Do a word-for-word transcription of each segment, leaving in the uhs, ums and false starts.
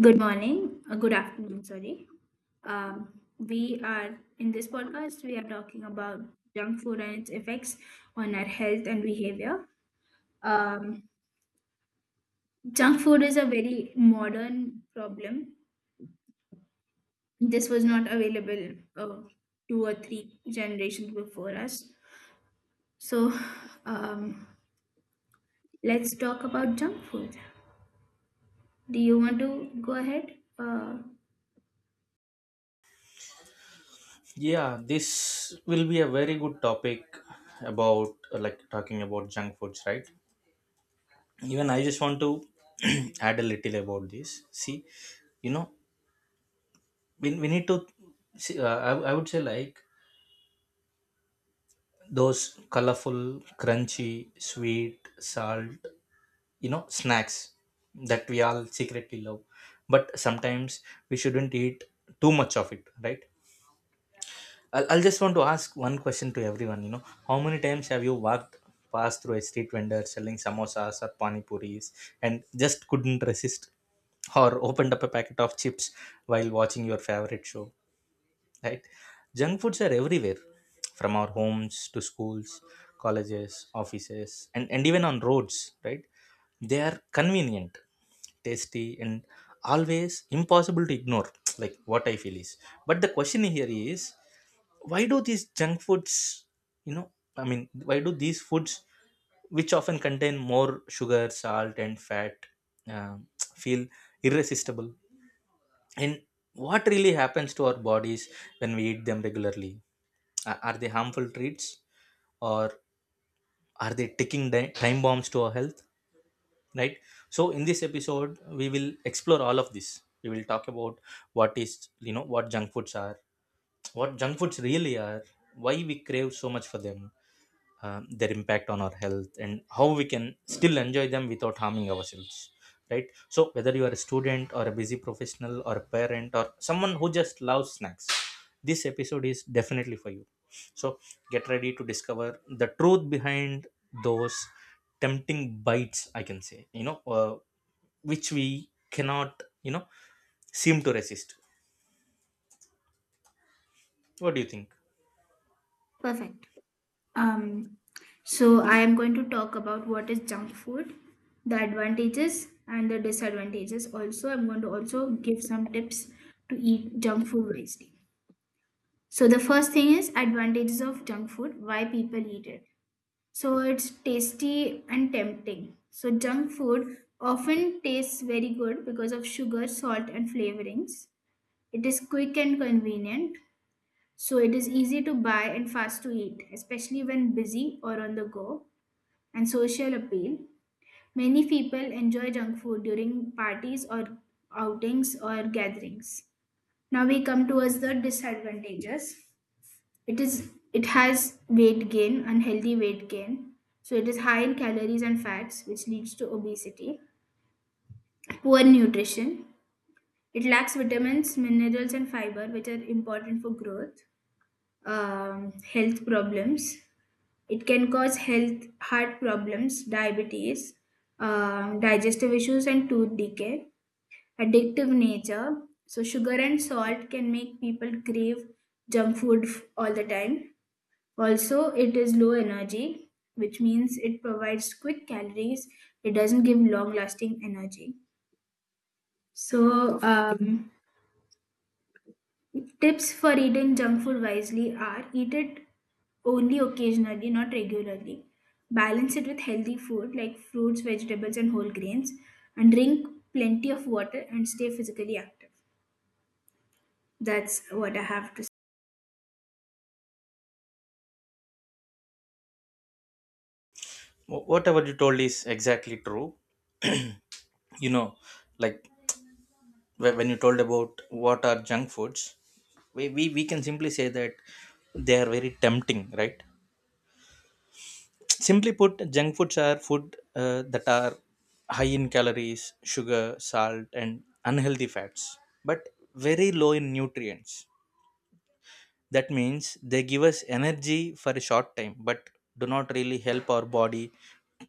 Good morning, uh, good afternoon, sorry. Um, we are in this podcast, we are talking about junk food and its effects on our health and behavior. Um, Junk food is a very modern problem. This was not available uh, two or three generations before us. So, um, let's talk about junk food. Do you want to go ahead? Uh, Yeah, this will be a very good topic about uh, like talking about junk foods, right? Even I just want to add a little about this. See, you know, we, we need to see. Uh, I, I would say like those colorful, crunchy, sweet, salt, you know, snacks that we all secretly love. But sometimes we shouldn't eat too much of it, right? I'll, I'll just want to ask one question to everyone. You know, how many times have you walked past through a street vendor selling samosas or pani puris and just couldn't resist, or opened up a packet of chips while watching your favorite show? Right? Junk foods are everywhere, from our homes to schools, colleges, offices, and and even on roads. Right? They are convenient, tasty, and always impossible to ignore. Like what I feel is. But the question here is why do these junk foods you know I mean why do these foods which often contain more sugar, salt and fat, um, feel irresistible, and what really happens to our bodies when we eat them regularly? A- are they harmful treats, or are they ticking di- time bombs to our health? Right? So in this episode we will explore all of this. We will talk about what is you know what junk foods are what junk foods really are, why we crave so much for them, uh, their impact on our health, and how we can still enjoy them without harming ourselves, right? So whether you are a student or a busy professional or a parent or someone who just loves snacks, this episode is definitely for you. So get ready to discover the truth behind those tempting bites, I can say, you know uh, which we cannot, you know seem to resist. What do you think? Perfect. Um, so I am going to talk about what is junk food, the advantages and the disadvantages. Also, I'm going to also give some tips to eat junk food wisely. So the first thing is advantages of junk food, why people eat it. So it's tasty and tempting. So junk food often tastes very good because of sugar, salt and flavorings. It is quick and convenient. So it is easy to buy and fast to eat, especially when busy or on the go, and social appeal. Many people enjoy junk food during parties or outings or gatherings. Now we come towards the disadvantages. It is it has weight gain, unhealthy weight gain. So it is high in calories and fats, which leads to obesity. Poor nutrition. It lacks vitamins, minerals, and fiber, which are important for growth. Um, health problems. It can cause health, heart problems, diabetes, um, digestive issues, and tooth decay. Addictive nature. So, sugar and salt can make people crave junk food f- all the time. Also, it is low energy, which means it provides quick calories. It doesn't give long lasting energy. So, um, tips for eating junk food wisely are eat it only occasionally, not regularly. Balance it with healthy food like fruits, vegetables, and whole grains, and drink plenty of water and stay physically active. That's what I have to say. Wh- whatever you told is exactly true, you know like, whe- when you told about what are junk foods, we, we, we can simply say that they are very tempting, right? Simply put, junk foods are food uh, that are high in calories, sugar, salt and unhealthy fats, but very low in nutrients. That means they give us energy for a short time, but do not really help our body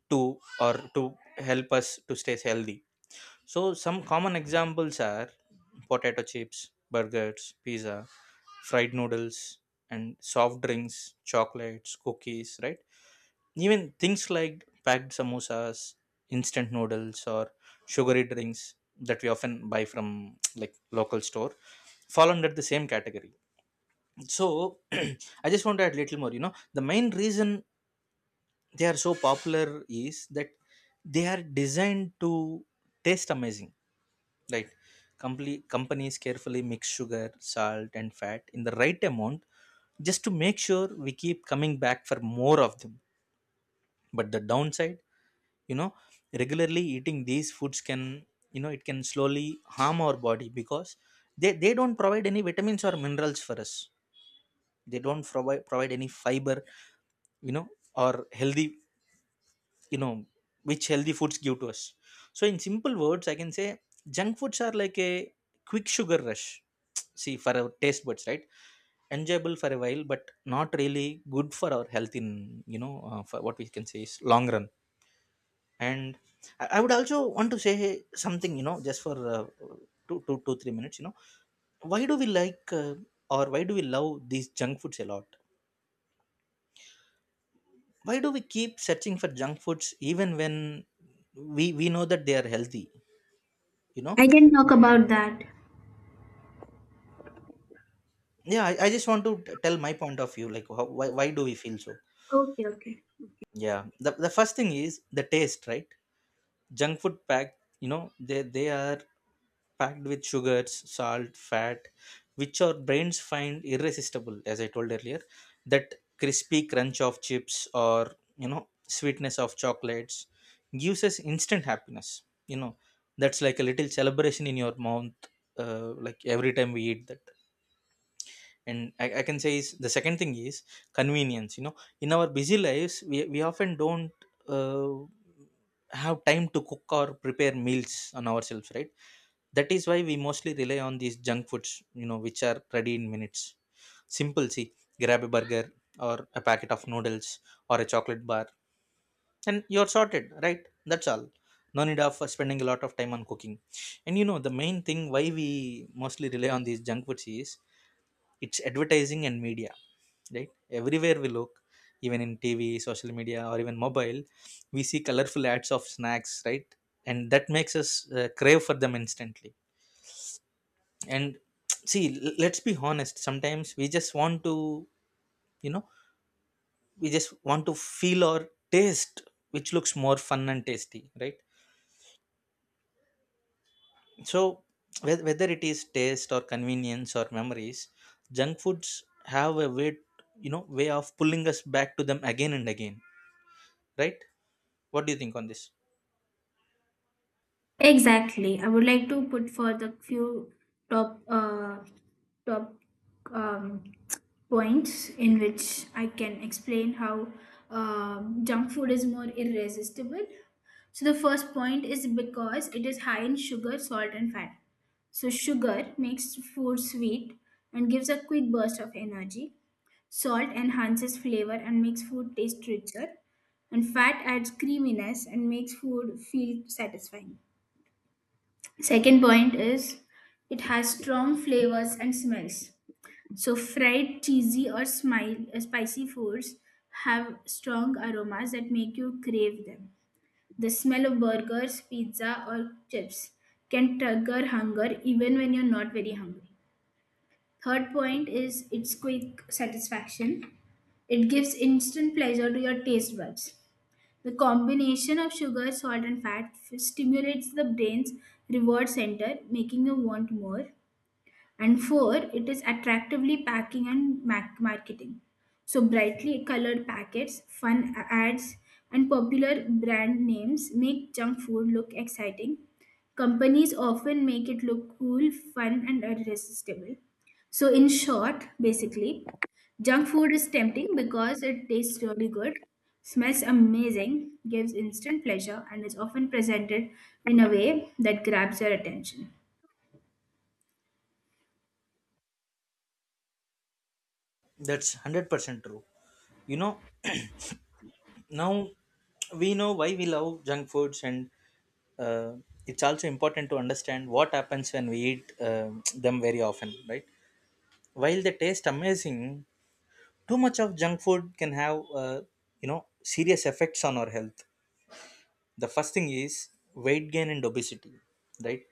to, or to help us to stay healthy. So some common examples are potato chips, burgers, pizza, fried noodles, and soft drinks, chocolates, cookies, right? Even things like packed samosas, instant noodles, or sugary drinks that we often buy from like local store fall under the same category. So I just want to add little more. You know, the main reason they are so popular is that they are designed to taste amazing. Right. Compli- companies carefully mix sugar, salt, and fat in the right amount, just to make sure we keep coming back for more of them. But the downside, you know, regularly eating these foods can, you know, it can slowly harm our body, because they, they don't provide any vitamins or minerals for us. They don't provide provide any fiber, you know, or healthy you know which healthy foods give to us. So in simple words I can say, junk foods are like a quick sugar rush, see, for our taste buds, right? Enjoyable for a while, but not really good for our health in, you know uh, for what we can say is, long run. And i I would also want to say something, you know, just for uh, two, two, two, three minutes, you know. Why do we like uh, or why do we love these junk foods a lot? Why do we keep searching for junk foods even when we we know that they are healthy, you know? I can talk about that. Yeah, i, I just want to t- tell my point of view, like, how, why, why do we feel so? Okay, okay. Yeah, the, the first thing is the taste, right? Junk food packed you know they they are packed with sugars, salt, fat, which our brains find irresistible, as I told earlier. That crispy crunch of chips, or you know sweetness of chocolates gives us instant happiness you know That's like a little celebration in your mouth, uh, like every time we eat that. And I, I can say is the second thing is convenience, you know. In our busy lives, we, we often don't, uh, have time to cook or prepare meals on ourselves, right? That is why we mostly rely on these junk foods, you know, which are ready in minutes. Simple. See, grab a burger, or a packet of noodles, or a chocolate bar, and you're sorted, right? That's all. No need of uh, spending a lot of time on cooking. And you know the main thing why we mostly rely on these junk foods is it's advertising and media, right? Everywhere we look, even in T V, social media, or even mobile, we see colorful ads of snacks, right? And that makes us uh, crave for them instantly. And see, l- let's be honest. Sometimes we just want to, you know, we just want to feel or taste, which looks more fun and tasty, right? So whe- whether it is taste or convenience or memories, junk foods have a way, you know, way of pulling us back to them again and again, right? What do you think on this? Exactly. I would like to put for the few top uh, top um, points in which I can explain how um, junk food is more irresistible. So the first point is because it is high in sugar, salt, and fat. So sugar makes food sweet and gives a quick burst of energy. Salt enhances flavor and makes food taste richer. And fat adds creaminess and makes food feel satisfying. Second point is it has strong flavors and smells. So fried, cheesy or smile, uh, spicy foods have strong aromas that make you crave them. The smell of burgers, pizza or chips can trigger hunger even when you're not very hungry. Third point is its quick satisfaction. It gives instant pleasure to your taste buds. The combination of sugar, salt, and fat f- stimulates the brain's reward center, making you want more. And four, it is attractively packing and mac- marketing. So brightly colored packets, fun a- ads and popular brand names make junk food look exciting. Companies often make it look cool, fun and irresistible. So in short, basically, junk food is tempting because it tastes really good, smells amazing, gives instant pleasure, and is often presented in a way that grabs your attention. That's a hundred percent true. You know, now we know why we love junk foods, and uh, it's also important to understand what happens when we eat um them very often, right? While they taste amazing, too much of junk food can have, uh, you know, serious effects on our health. The first thing is weight gain and obesity, right?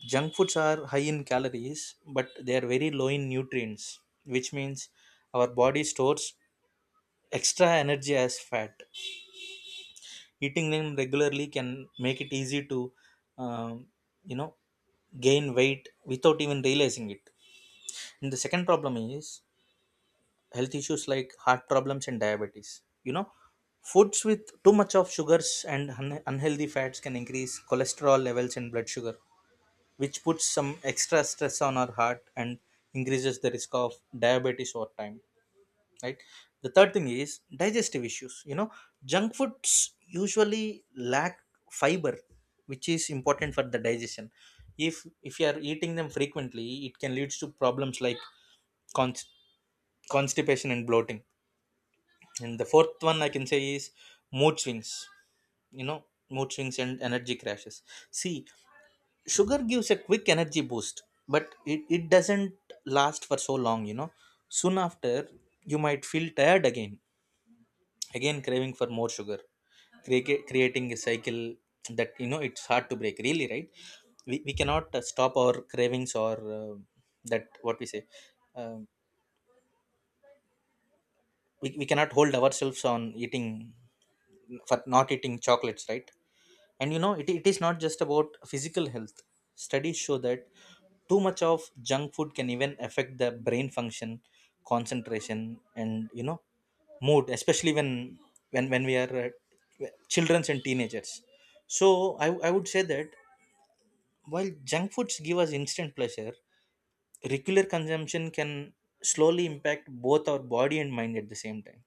Junk foods are high in calories, but they are very low in nutrients, which means our body stores extra energy as fat. Eating them regularly can make it easy to, um, you know, gain weight without even realizing it. And the second problem is health issues like heart problems and diabetes. You know, foods with too much of sugars and un- unhealthy fats can increase cholesterol levels and blood sugar, which puts some extra stress on our heart and increases the risk of diabetes over time, right? The third thing is digestive issues, you know. Junk foods usually lack fiber, which is important for the digestion. If if you are eating them frequently, it can lead to problems like const- constipation and bloating. And the fourth one I can say is mood swings, you know, mood swings and energy crashes. See, sugar gives a quick energy boost, but it, it doesn't last for so long, you know. Soon after, you might feel tired again, again craving for more sugar. Create, creating a cycle that, you know, it's hard to break, really, right? We, we cannot uh, stop our cravings, or uh, that what we say. Um we, we cannot hold ourselves on eating for not eating chocolates, right? And you know, it, it is not just about physical health. Studies show that too much of junk food can even affect the brain function, concentration, and you know mood, especially when when when we are uh, children's and teenagers. So I, I would say that, while junk foods give us instant pleasure, regular consumption can slowly impact both our body and mind at the same time.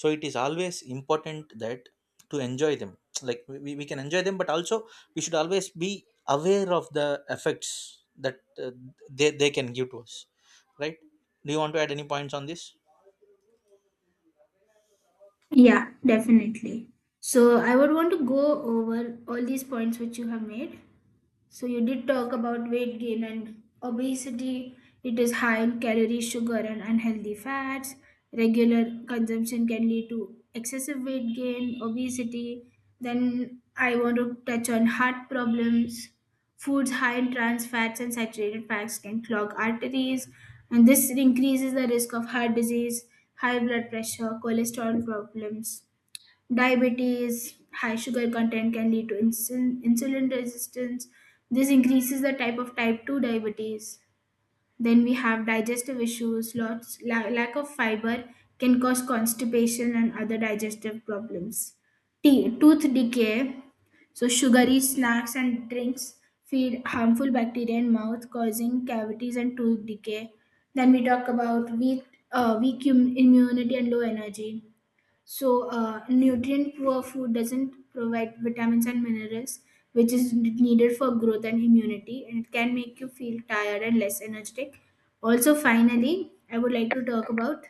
So it is always important that, to enjoy them, like we, we can enjoy them, but also we should always be aware of the effects that uh, they, they can give to us, right? Do you want to add any points on this? Yeah, definitely. So I would want to go over all these points which you have made. So you did talk about weight gain and obesity. It is high in calories, sugar, and unhealthy fats. Regular consumption can lead to excessive weight gain, obesity. Then I want to touch on heart problems. Foods high in trans fats and saturated fats can clog arteries, and this increases the risk of heart disease, high blood pressure, cholesterol problems, diabetes. High sugar content can lead to insulin, insulin resistance. This increases the type of type two diabetes. Then we have digestive issues, lots, la- lack of fiber can cause constipation and other digestive problems. Te- tooth decay, so sugary snacks and drinks feed harmful bacteria in mouth, causing cavities and tooth decay. Then we talk about weak, uh, weak im- immunity and low energy. So, uh, nutrient poor food doesn't provide vitamins and minerals, which is needed for growth and immunity, and it can make you feel tired and less energetic. Also, finally, I would like to talk about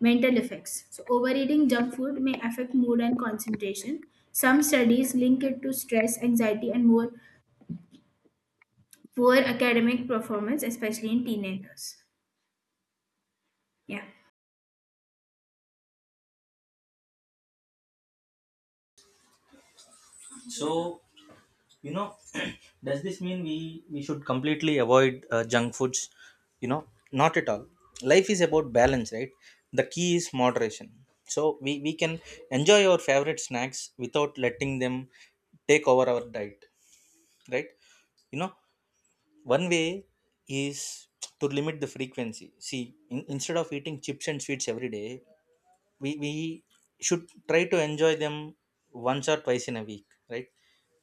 mental effects. So, overeating junk food may affect mood and concentration. Some studies link it to stress, anxiety, and more poor academic performance, especially in teenagers. Yeah. So, you know does this mean we we should completely avoid uh, junk foods, you know? Not at all. Life is about balance, right? The key is moderation. So we we can enjoy our favorite snacks without letting them take over our diet, right? You know, one way is to limit the frequency. See, in, instead of eating chips and sweets every day, we, we should try to enjoy them once or twice in a week, right?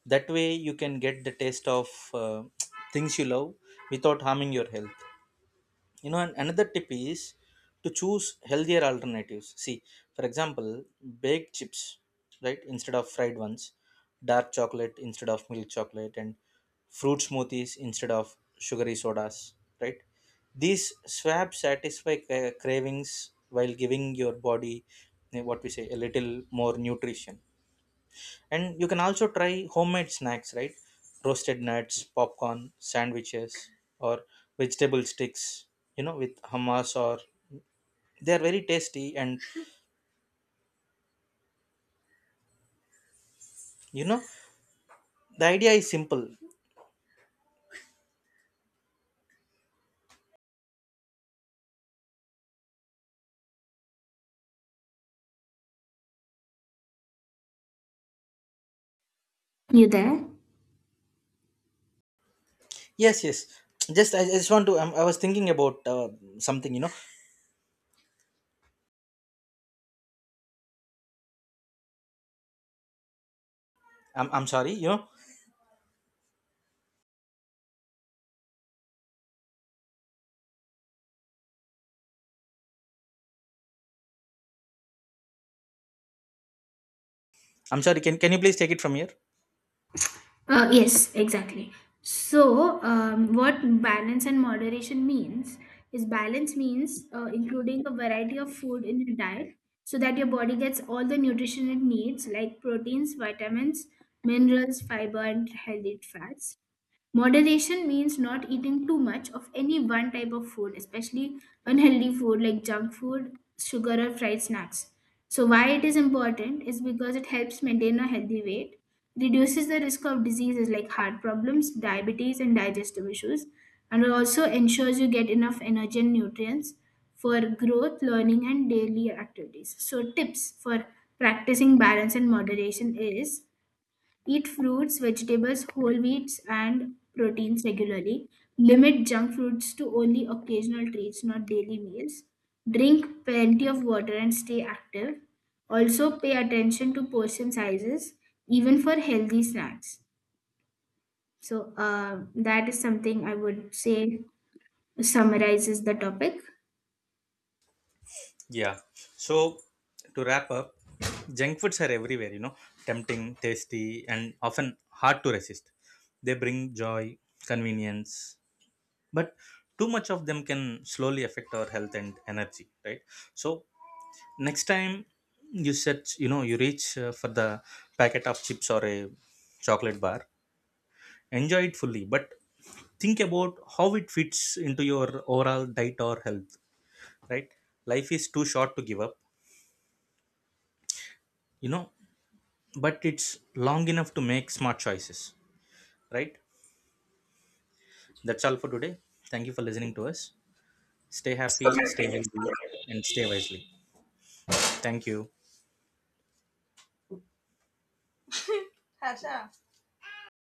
That way you can get the taste of, uh, things you love, without harming your health, you know. And another tip is to choose healthier alternatives. See, for example, baked chips, right? Instead of fried ones. Dark chocolate instead of milk chocolate, and fruit smoothies instead of sugary sodas, right? These swabs satisfy, uh, cravings, while giving your body, eh, what we say, a little more nutrition. And you can also try homemade snacks, right? Roasted nuts, popcorn, sandwiches, or vegetable sticks, you know, with hummus. Or they are very tasty, and, you know, the idea is simple. You there? Yes, yes. Just i, I just want to i i was thinking about uh, something, you know. I'm, I'm sorry, you know. I'm sorry, can, can you please take it from here? Uh, yes, exactly. So, um, what balance and moderation means is balance means uh, including a variety of food in your diet so that your body gets all the nutrition it needs, like proteins, vitamins, minerals, fiber, and healthy fats. Moderation means not eating too much of any one type of food, especially unhealthy food like junk food, sugar, or fried snacks. So, why it is important is because it helps maintain a healthy weight, reduces the risk of diseases like heart problems, diabetes, and digestive issues, and it also ensures you get enough energy and nutrients for growth, learning, and daily activities. So, tips for practicing balance and moderation is eat fruits, vegetables, whole wheats, and proteins regularly. Limit junk foods to only occasional treats, not daily meals. Drink plenty of water and stay active. Also, pay attention to portion sizes, even for healthy snacks. So, uh, that is something I would say summarizes the topic. Yeah. So, to wrap up, junk foods are everywhere, you know, tempting, tasty, and often hard to resist. They bring joy, convenience, but too much of them can slowly affect our health and energy, right? So next time you set you know you reach uh, for the packet of chips or a chocolate bar, enjoy it fully, but think about how it fits into your overall diet or health, right? Life is too short to give up, you know, but it's long enough to make smart choices, right? That's all for today. Thank you for listening to us. Stay happy, stay healthy, and stay wisely. Thank you. Hasha.